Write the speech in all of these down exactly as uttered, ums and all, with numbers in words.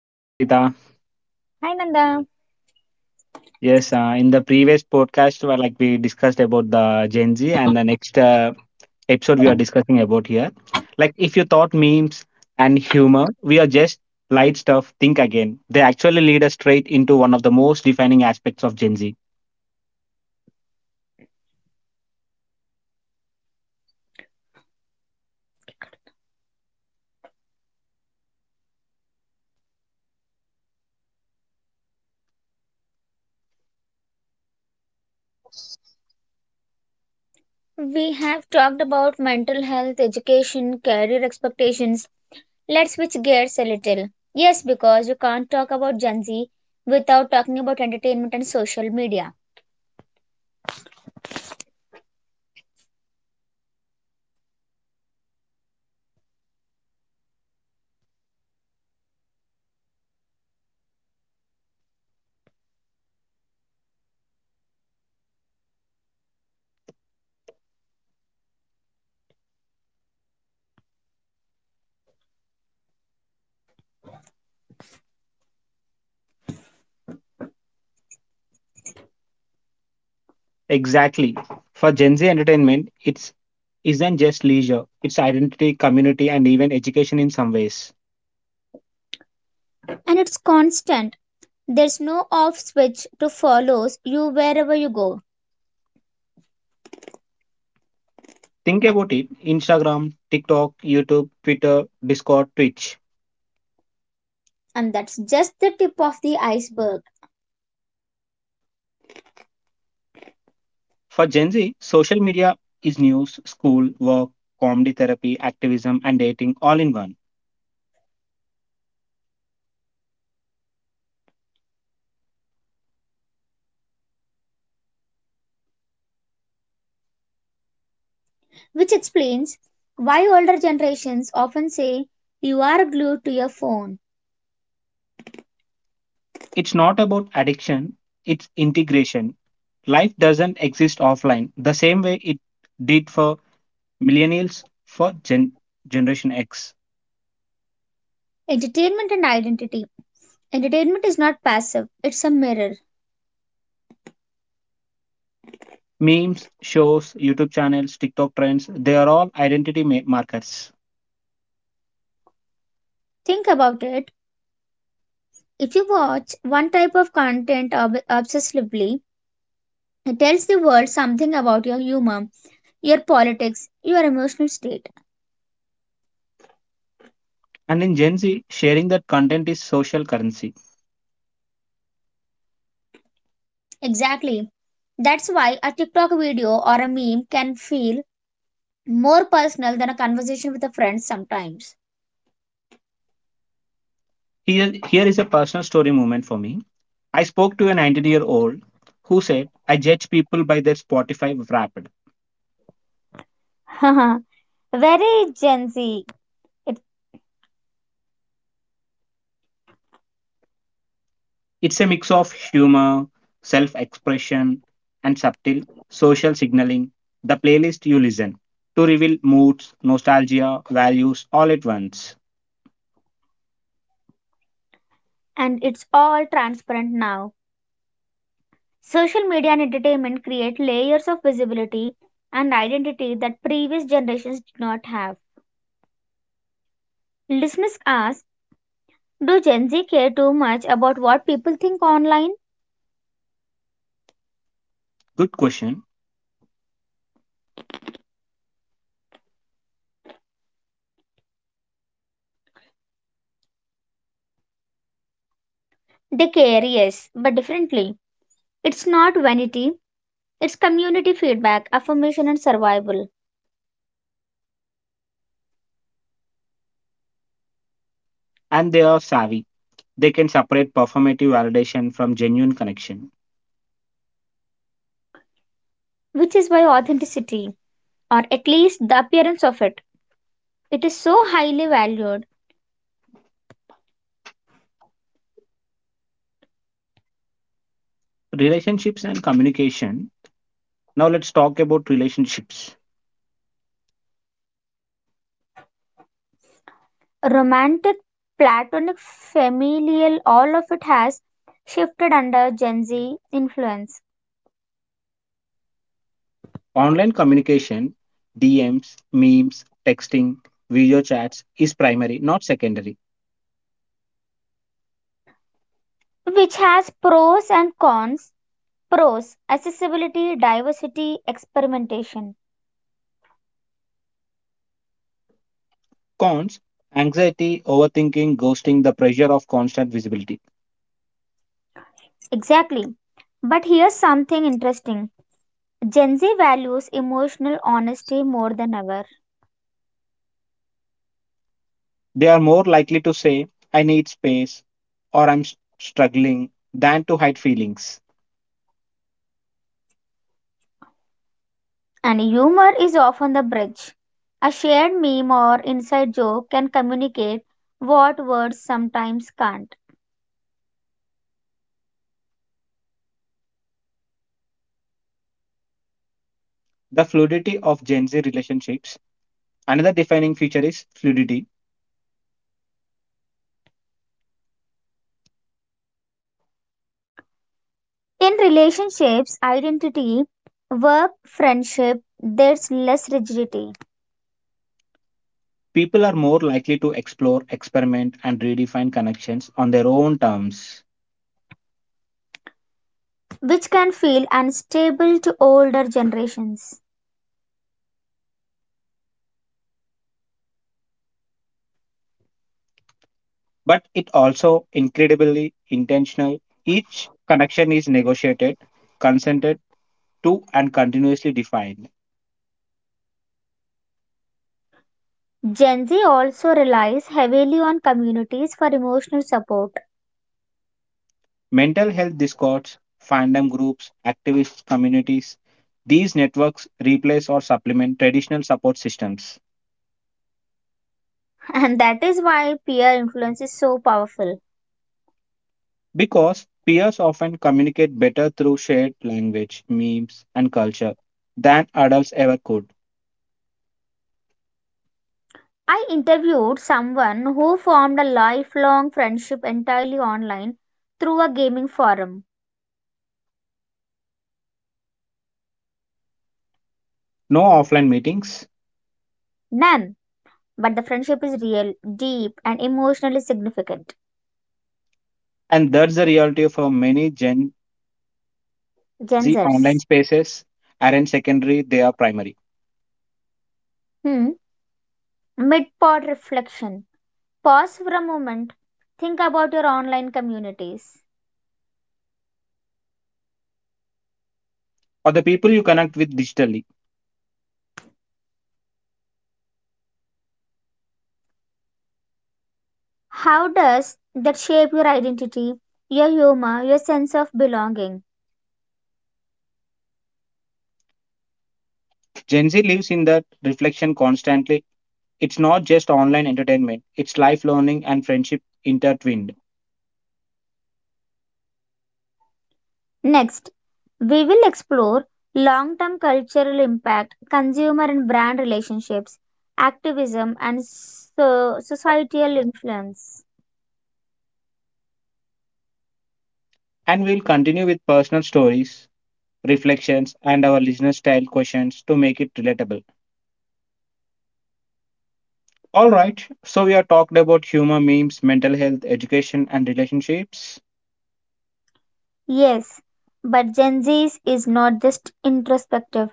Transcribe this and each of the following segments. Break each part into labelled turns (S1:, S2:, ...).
S1: Hi Sangeeta.
S2: Hi Nanda,
S1: Yes, uh, in the previous podcast, where like we discussed about the Gen Z, and the next uh, episode we are discussing about here. Like, if you thought memes and humor, we are just light stuff. Think again. They actually lead us straight into one of the most defining aspects of Gen Z.
S2: we have talked about mental health, education, career expectations. Let's switch gears a little. Yes, because you can't talk about Gen Z without talking about entertainment and social media.
S1: Exactly. For Gen Z entertainment, it's isn't just leisure. It's identity, community, and even education in some ways.
S2: And it's constant. There's no off switch to follows you wherever you go.
S1: Think about it. Instagram, TikTok, YouTube, Twitter, Discord, Twitch.
S2: And that's just the tip of the iceberg,
S1: For Gen Z, social media is news, school, work, comedy therapy, activism, and dating all in one.
S2: which explains why older generations often say you are glued to your phone.
S1: It's not about addiction, it's integration. Life doesn't exist offline the same way it did for millennials for Gen- Generation X.
S2: Entertainment and identity. Entertainment is not passive, it's a mirror.
S1: Memes, shows, YouTube channels, TikTok trends, they are all identity ma- markers.
S2: Think about it. If you watch one type of content ob- obsessively, it tells the world something about your humor, your politics, your emotional state.
S1: And in Gen Z, sharing that content is social currency.
S2: Exactly. That's why a TikTok video or a meme can feel more personal than a conversation with a friend sometimes.
S1: Here, here is a personal story moment for me. I spoke to a nineteen year old who said, I judge people by their Spotify wrapped.
S2: Very Gen Z. It,
S1: It's a mix of humor, self expression, and subtle social signaling, the playlist you listen to reveal moods, nostalgia, values all at once.
S2: and it's all transparent now. Social media and entertainment create layers of visibility and identity that previous generations did not have. Listeners ask, do Gen Z care too much about what people think online?
S1: Good question.
S2: They care, yes, but differently. It's not vanity, it's community feedback, affirmation, and survival,
S1: And they are savvy. They can separate performative validation from genuine connection.
S2: which is why authenticity, or at least the appearance of it, it is so highly valued.
S1: Relationships and communication. Now let's talk about relationships.
S2: Romantic, platonic, familial, all of it has shifted under Gen Z influence,
S1: Online communication, D Ms, memes, texting, video chats is primary, not secondary.
S2: which has pros and cons. Pros accessibility, diversity, experimentation.
S1: Cons anxiety, overthinking, ghosting, the pressure of constant visibility.
S2: Exactly. But here's something interesting. Gen Z values emotional honesty more than ever,
S1: They are more likely to say, I need space or I'm s- struggling than to hide feelings.
S2: and humor is often the bridge. A shared meme or inside joke can communicate what words sometimes can't.
S1: The fluidity of Gen Z relationships. Another defining feature is fluidity.
S2: In relationships, identity, work, friendship, there's less rigidity,
S1: People are more likely to explore, experiment, and redefine connections on their own terms,
S2: which can feel unstable to older generations.
S1: but it also incredibly intentional. Each connection is negotiated, consented to, and continuously defined.
S2: Gen Z also relies heavily on communities for emotional support.
S1: Mental health discords, fandom groups, activist communities, these networks replace or supplement traditional support systems
S2: And that is why peer influence is so powerful.
S1: because peers often communicate better through shared language, memes, and culture than adults ever could.
S2: I interviewed someone who formed a lifelong friendship entirely online through a gaming forum.
S1: No offline meetings,
S2: None, but the friendship is real, deep, and emotionally significant.
S1: and that's the reality for many Gen.
S2: Gen
S1: The online
S2: Zers.
S1: spaces aren't secondary, they are primary.
S2: Hmm. Mid pod reflection. Pause for a moment. Think about your online communities.
S1: Or the people you connect with digitally.
S2: How does that shape your identity, your humor, your sense of belonging?
S1: Gen Z lives in that reflection constantly. It's not just online entertainment, it's life learning and friendship intertwined.
S2: Next, we will explore long term cultural impact, consumer and brand relationships, activism, and so- societal influence.
S1: And we'll continue with personal stories, reflections, and our listener style questions to make it relatable. All right, so we are talked about humor, memes, mental health, education, and relationships.
S2: Yes, but Gen Z is not just introspective,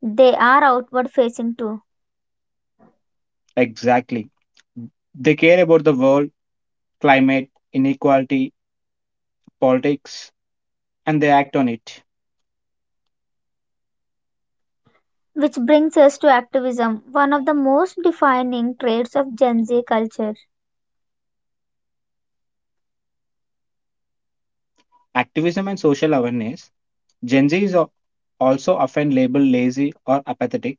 S2: they are outward facing too.
S1: Exactly. They care about the world, climate, inequality, politics, and they act on it.
S2: Which brings us to activism, one of the most defining traits of Gen Z culture.
S1: Activism and social awareness. Gen Z is al- also often labeled lazy or apathetic,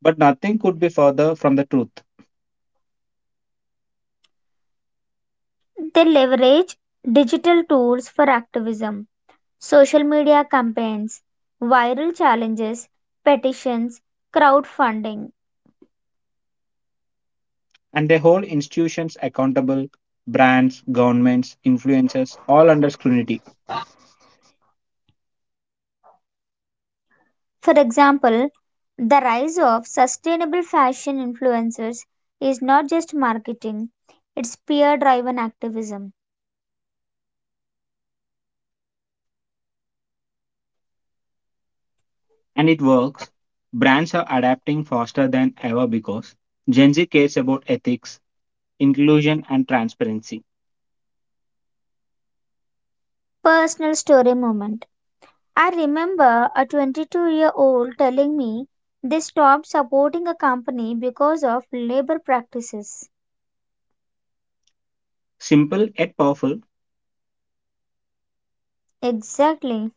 S1: but nothing could be further from the truth.
S2: They leverage digital tools for activism social media campaigns, viral challenges, petitions, crowdfunding.
S1: And they hold institutions accountable, brands, governments, influencers, all under scrutiny.
S2: For example, the rise of sustainable fashion influencers is not just marketing, it's peer driven activism.
S1: And it works. Brands are adapting faster than ever because Gen Z cares about ethics, inclusion, and transparency.
S2: Personal story moment. I remember a twenty-two year old telling me they stopped supporting a company because of labor practices.
S1: Simple yet powerful,
S2: Exactly.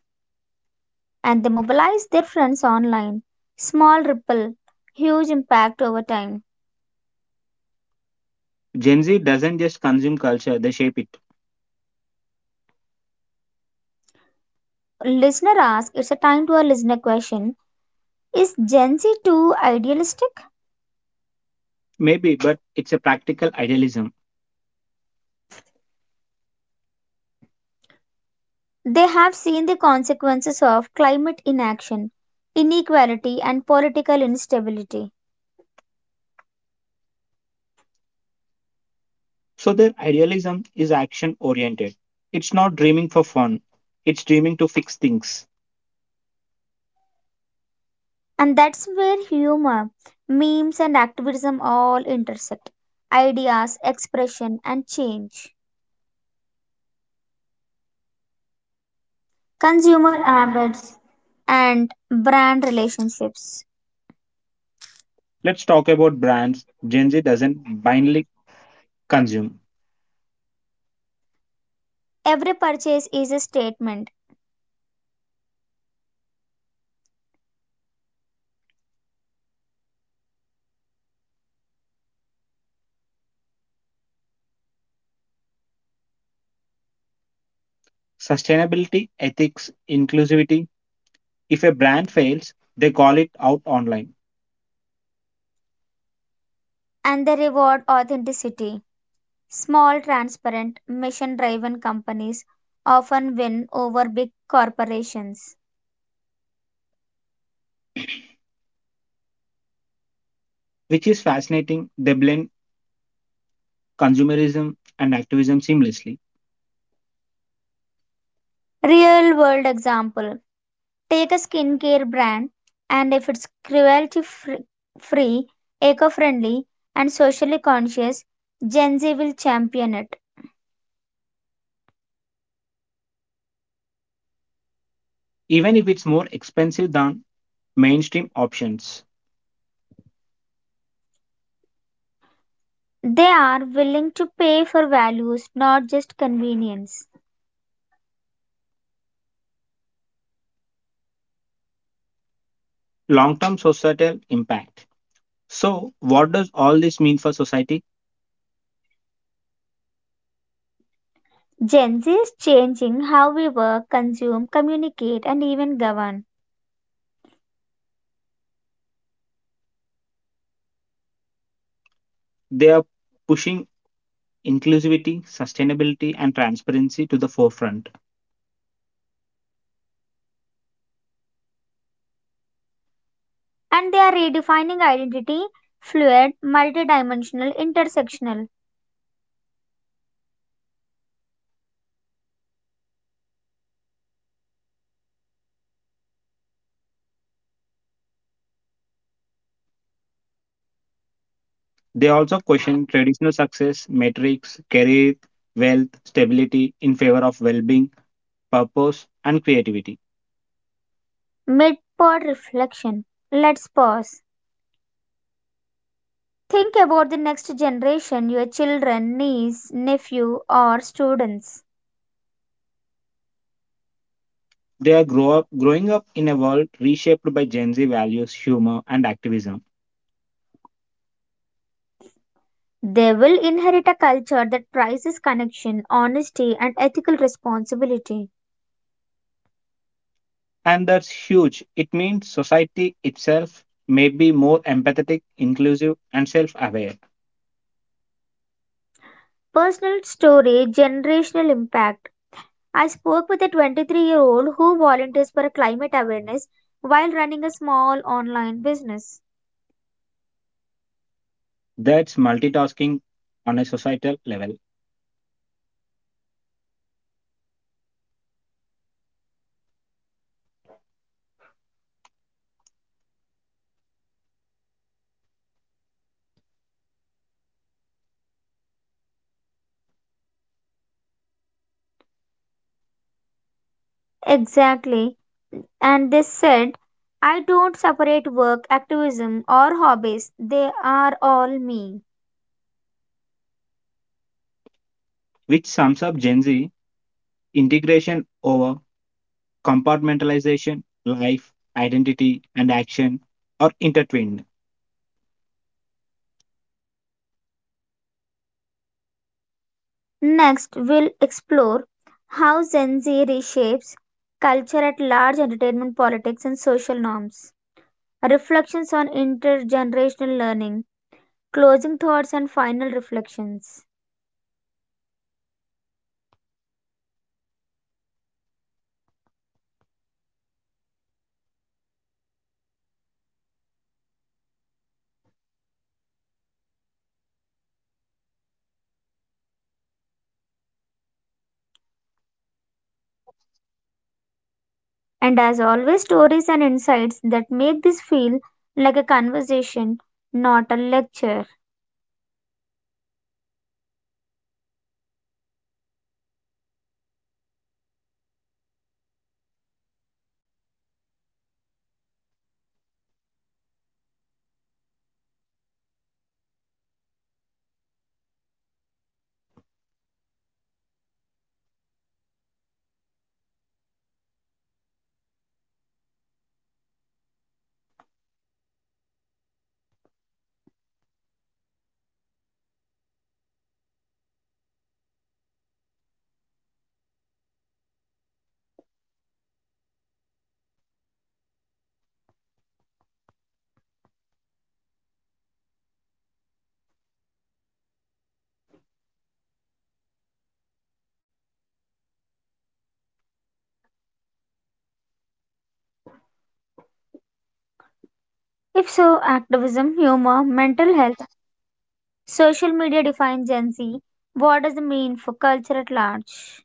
S2: And they mobilize their friends online. Small ripple, huge impact over time.
S1: Gen Z doesn't just consume culture, they shape it.
S2: Listener ask, it's a time to a listener question. Is Gen Z too idealistic?
S1: Maybe, but it's a practical idealism.
S2: They have seen the consequences of climate inaction, inequality, and political instability.
S1: So their idealism is action oriented. It's not dreaming for fun, it's dreaming to fix things.
S2: And that's where humor, memes, and activism all intersect. Ideas, expression, and change.
S1: Let's talk about brands Gen Z doesn't blindly consume.
S2: Every purchase is a statement,
S1: Sustainability, ethics, inclusivity. If a brand fails, they call it out online,
S2: and they reward authenticity. Small, transparent, mission driven companies often win over big corporations.
S1: which is fascinating. They blend consumerism and activism seamlessly,
S2: Real world example, take a skincare brand, and if it's cruelty free, eco friendly, and socially conscious, Gen Z will champion it.
S1: even if it's more expensive than mainstream options.
S2: They are willing to pay for values, not just convenience.
S1: Long term societal impact. So, what does all this mean for society?
S2: Gen Z is changing how we work, consume, communicate, and even govern.
S1: They are pushing inclusivity, sustainability, and transparency to the forefront.
S2: And they are redefining identity, fluid, multidimensional, intersectional.
S1: They also question traditional success metrics, career, wealth, stability in favor of well being, purpose, and creativity.
S2: Mid pod reflection. Let's pause. Think about the next generation, your children, niece, nephew, or students.
S1: They are grow up, growing up in a world reshaped by Gen Z values, humor, and activism.
S2: They will inherit a culture that prizes connection, honesty, and ethical responsibility.
S1: And that's huge. It means society itself may be more empathetic, inclusive, and self aware.
S2: Personal story, generational impact. I spoke with a twenty-three year old who volunteers for climate awareness while running a small online business.
S1: That's multitasking on a societal level,
S2: Exactly. And they said, I don't separate work, activism, or hobbies. They are all me.
S1: which sums up Gen Z integration over compartmentalization, life, identity, and action are intertwined.
S2: Next, we'll explore how Gen Z reshapes culture at large, entertainment, politics, and social norms. Reflections on intergenerational learning, closing thoughts, and final reflections. And as always, stories and insights that make this feel like a conversation, not a lecture. If so, activism, humor, mental health, social media define Gen Z. What does it mean for culture at large?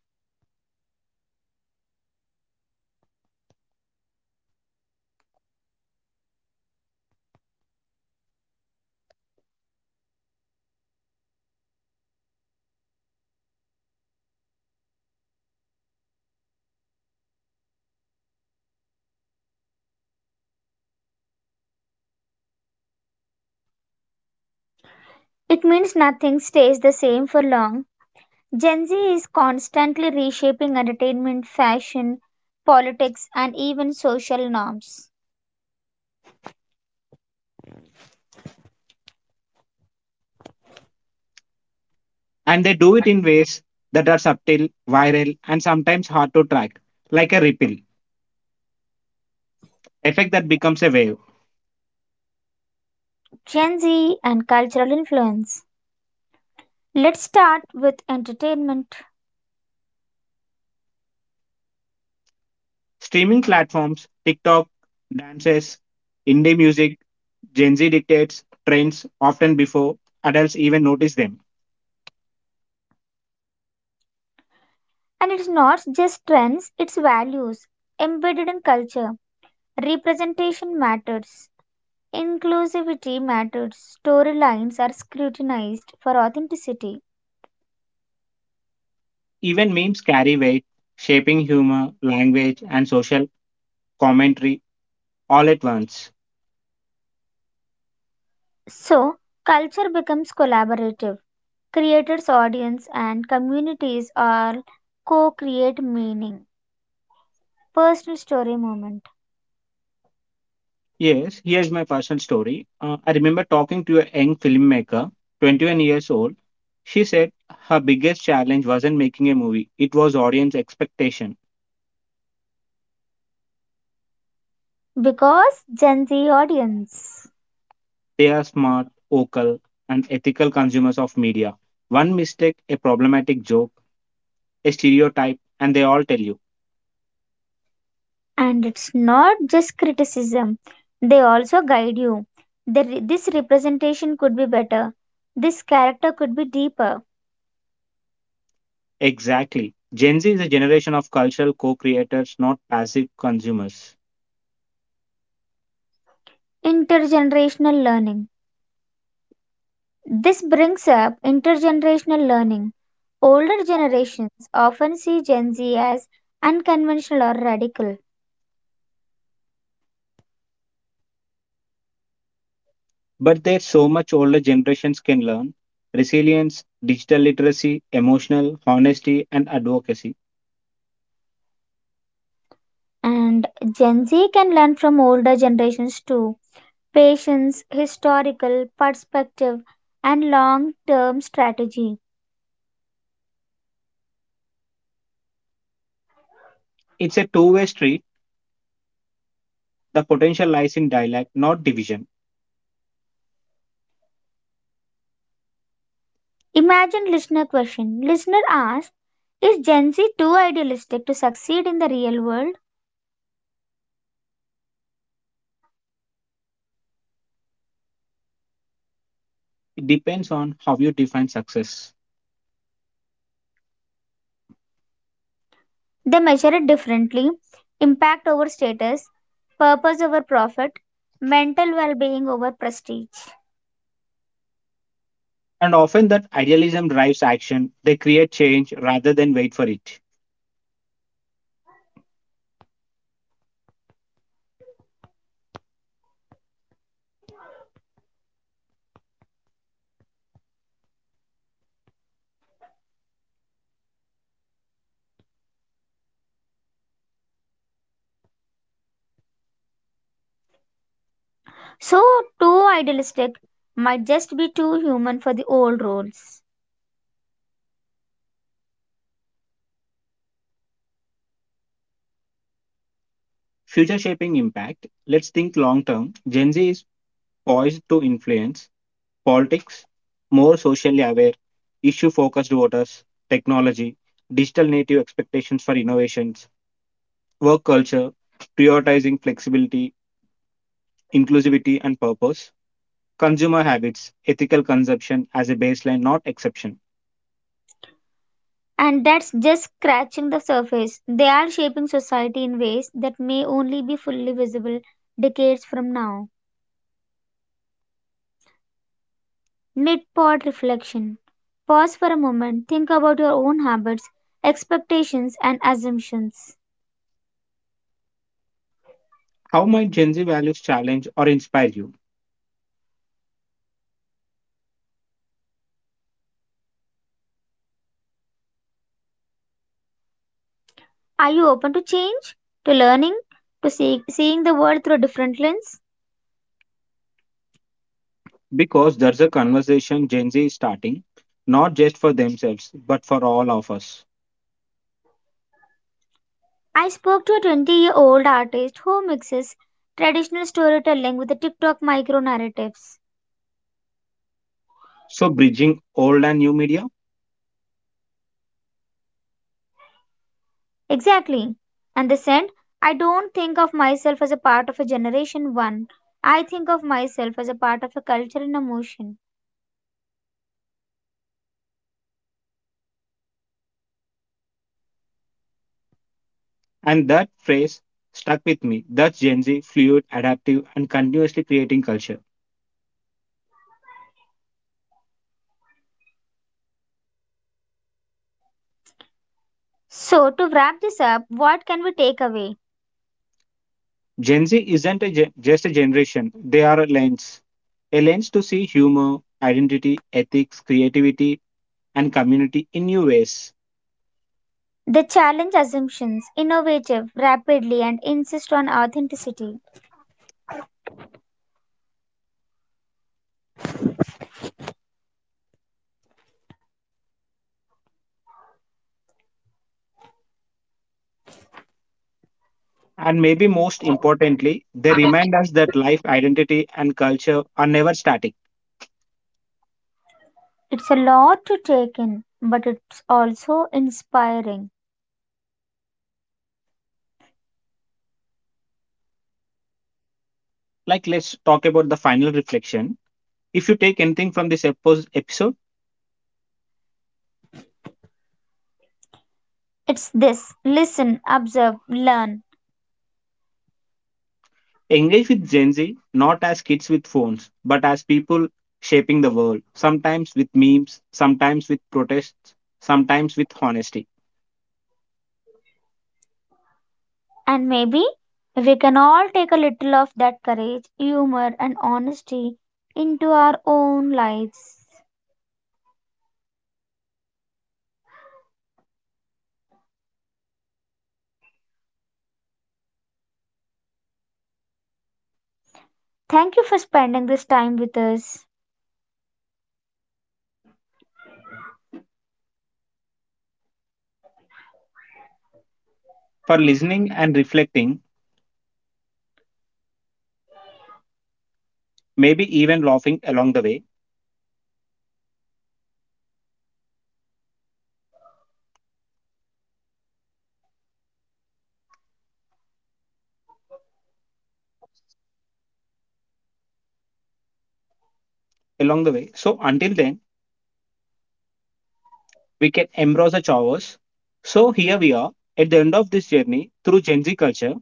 S2: It means nothing stays the same for long. Gen Z is constantly reshaping entertainment, fashion, politics, and even social norms.
S1: And they do it in ways that are subtle, viral, and sometimes hard to track, like a ripple effect that becomes a wave.
S2: Gen Z and cultural influence. Let's start with entertainment.
S1: Streaming platforms, TikTok, dances, indie music, Gen Z dictates trends often before adults even notice them.
S2: And it's not just trends, it's values embedded in culture. Representation matters, inclusivity matters, storylines are scrutinized for authenticity.
S1: Even memes carry weight, shaping humor, language, and social commentary all at once.
S2: So, culture becomes collaborative. Creators, audience, and communities all co create meaning. Personal story moment.
S1: Yes, here's my personal story. Uh, I remember talking to a young filmmaker, twenty-one years old. She said her biggest challenge wasn't making a movie, it was audience expectation.
S2: Because Gen Z audience.
S1: They are smart, vocal, and ethical consumers of media. One mistake, a problematic joke, a stereotype, and they all tell you.
S2: And it's not just criticism, they also guide you. They re- this representation could be better. This character could be deeper.
S1: Exactly. Gen Z is a generation of cultural co creators, not passive consumers.
S2: Intergenerational learning. This brings up intergenerational learning. Older generations often see Gen Z as unconventional or radical,
S1: But there's so much older generations can learn resilience, digital literacy, emotional honesty, and advocacy.
S2: and Gen Z can learn from older generations too. Patience, historical perspective, and long term strategy.
S1: It's a two way street. The potential lies in dialogue, not division.
S2: Imagine listener question. Listener asks, is Gen Z too idealistic to succeed in the real world?
S1: It depends on how you define success.
S2: They measure it differently. Impact over status, purpose over profit, mental well-being over prestige.
S1: And often, that idealism drives action. They create change rather than wait for it.
S2: So too idealistic might just be too human for the old roles.
S1: Future shaping impact. Let's think long term. Gen Z is poised to influence politics, more socially aware, issue focused voters, technology, digital native expectations for innovations, work culture, prioritizing flexibility, inclusivity, and purpose, consumer habits, ethical consumption as a baseline, not exception.
S2: And that's just scratching the surface. They are shaping society in ways that may only be fully visible decades from now. Mid pod reflection. Pause for a moment, think about your own habits, expectations, and assumptions.
S1: How might Gen Z values challenge or inspire you?
S2: Are you open to change, to learning, to see- seeing the world through a different lens?
S1: Because there's a conversation Gen Z is starting, not just for themselves, but for all of us.
S2: I spoke to a twenty year old artist who mixes traditional storytelling with the TikTok micro narratives.
S1: So, bridging old and new media,
S2: Exactly. And they said, I don't think of myself as a part of a generation one. I think of myself as a part of a culture and emotion.
S1: and that phrase stuck with me. That's Gen Z, fluid, adaptive, and continuously creating culture.
S2: So, to wrap this up, what can we take away?
S1: Gen Z isn't a gen- just a generation, they are a lens. A lens to see humor, identity, ethics, creativity, and community in new ways.
S2: They challenge assumptions, innovative rapidly, and insist on authenticity.
S1: And maybe most importantly, they remind us that life, identity, and culture are never static.
S2: It's a lot to take in, but it's also inspiring.
S1: Like, let's talk about the final reflection. If you take anything from this epo- episode,
S2: It's this listen, observe, learn,
S1: engage with Gen Z not as kids with phones, but as people shaping the world, sometimes with memes, sometimes with protests, sometimes with honesty.
S2: and maybe if we can all take a little of that courage, humor, and honesty into our own lives. Thank you for spending this time with us.
S1: For listening and reflecting, maybe even laughing along the way, along the way. So until then, we can embrace the chores. So here we are at the end of this journey through Gen Z culture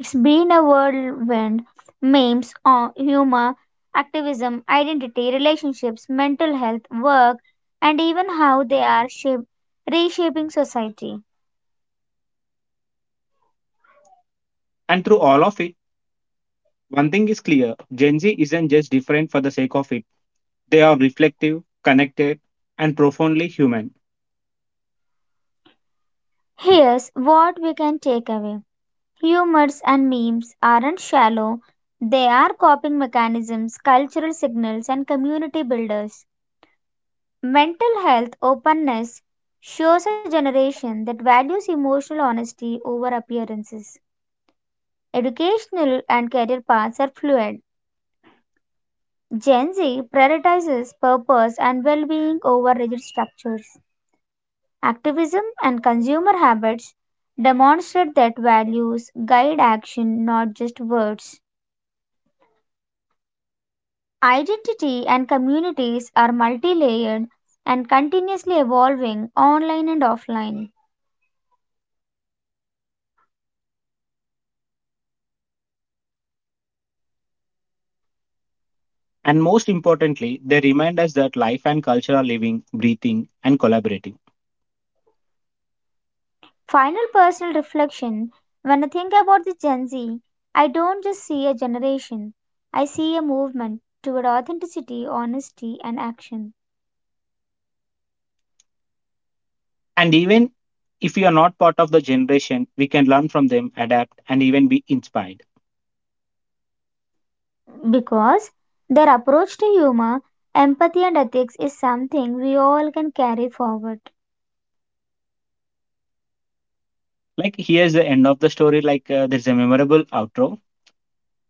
S2: It's been a whirlwind. Memes, uh, humor, activism, identity, relationships, mental health, work, and even how they are shape- reshaping society.
S1: and through all of it. One thing is clear Gen Z isn't just different for the sake of it. They are reflective, connected, and profoundly human.
S2: Here's what we can take away, humors and memes aren't shallow, they are coping mechanisms, cultural signals, and community builders. Mental health openness shows a generation that values emotional honesty over appearances. Educational and career paths are fluid. Gen Z prioritizes purpose and well being over rigid structures. Activism and consumer habits demonstrate that values guide action, not just words. Identity and communities are multi layered and continuously evolving online and offline.
S1: And most importantly, they remind us that life and culture are living, breathing, and collaborating.
S2: Final personal reflection, when I think about the Gen Z, I don't just see a generation, I see a movement toward authenticity, honesty, and action.
S1: And even if we are not part of the generation, we can learn from them, adapt, and even be inspired.
S2: Because their approach to humor, empathy, and ethics is something we all can carry forward
S1: Like here's the end of the story. Like uh, there's a memorable outro.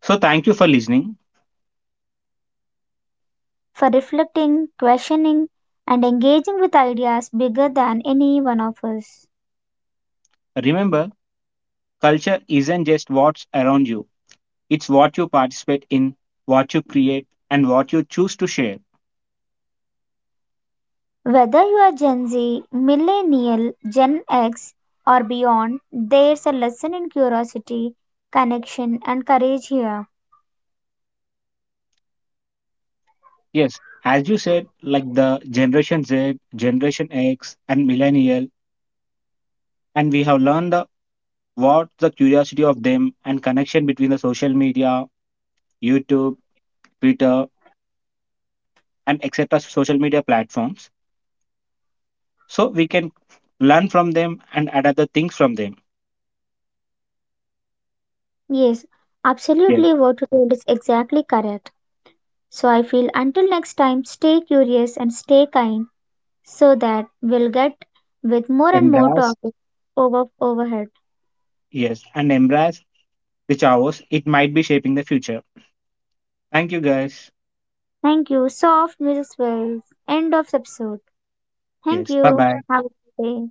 S1: So thank you for listening.
S2: for reflecting, questioning, and engaging with ideas bigger than any one of us.
S1: Remember, culture isn't just what's around you; it's what you participate in, what you create, and what you choose to share.
S2: Whether you are Gen Z, Millennial, Gen X, or beyond, there's a lesson in curiosity, connection, and courage here.
S1: Yes, as you said, like the Generation Z, Generation X, and Millennial, and we have learned the what the curiosity of them and connection between the social media, YouTube, Twitter, and et cetera social media platforms. So we can learn from them and adapt the things from them.
S2: Yes,
S1: Yes,
S2: absolutely what you told is exactly correct. So I feel until next time, stay curious and stay kind so that we'll get with more and more
S1: embrace.
S2: topics over overhead.
S1: Yes, and embrace the chaos. It might be shaping the future. Thank you, guys.
S2: Thank you. Soft music swells. End of episode. Thank
S1: Yes, bye
S2: you.
S1: bye.
S2: Have a good day.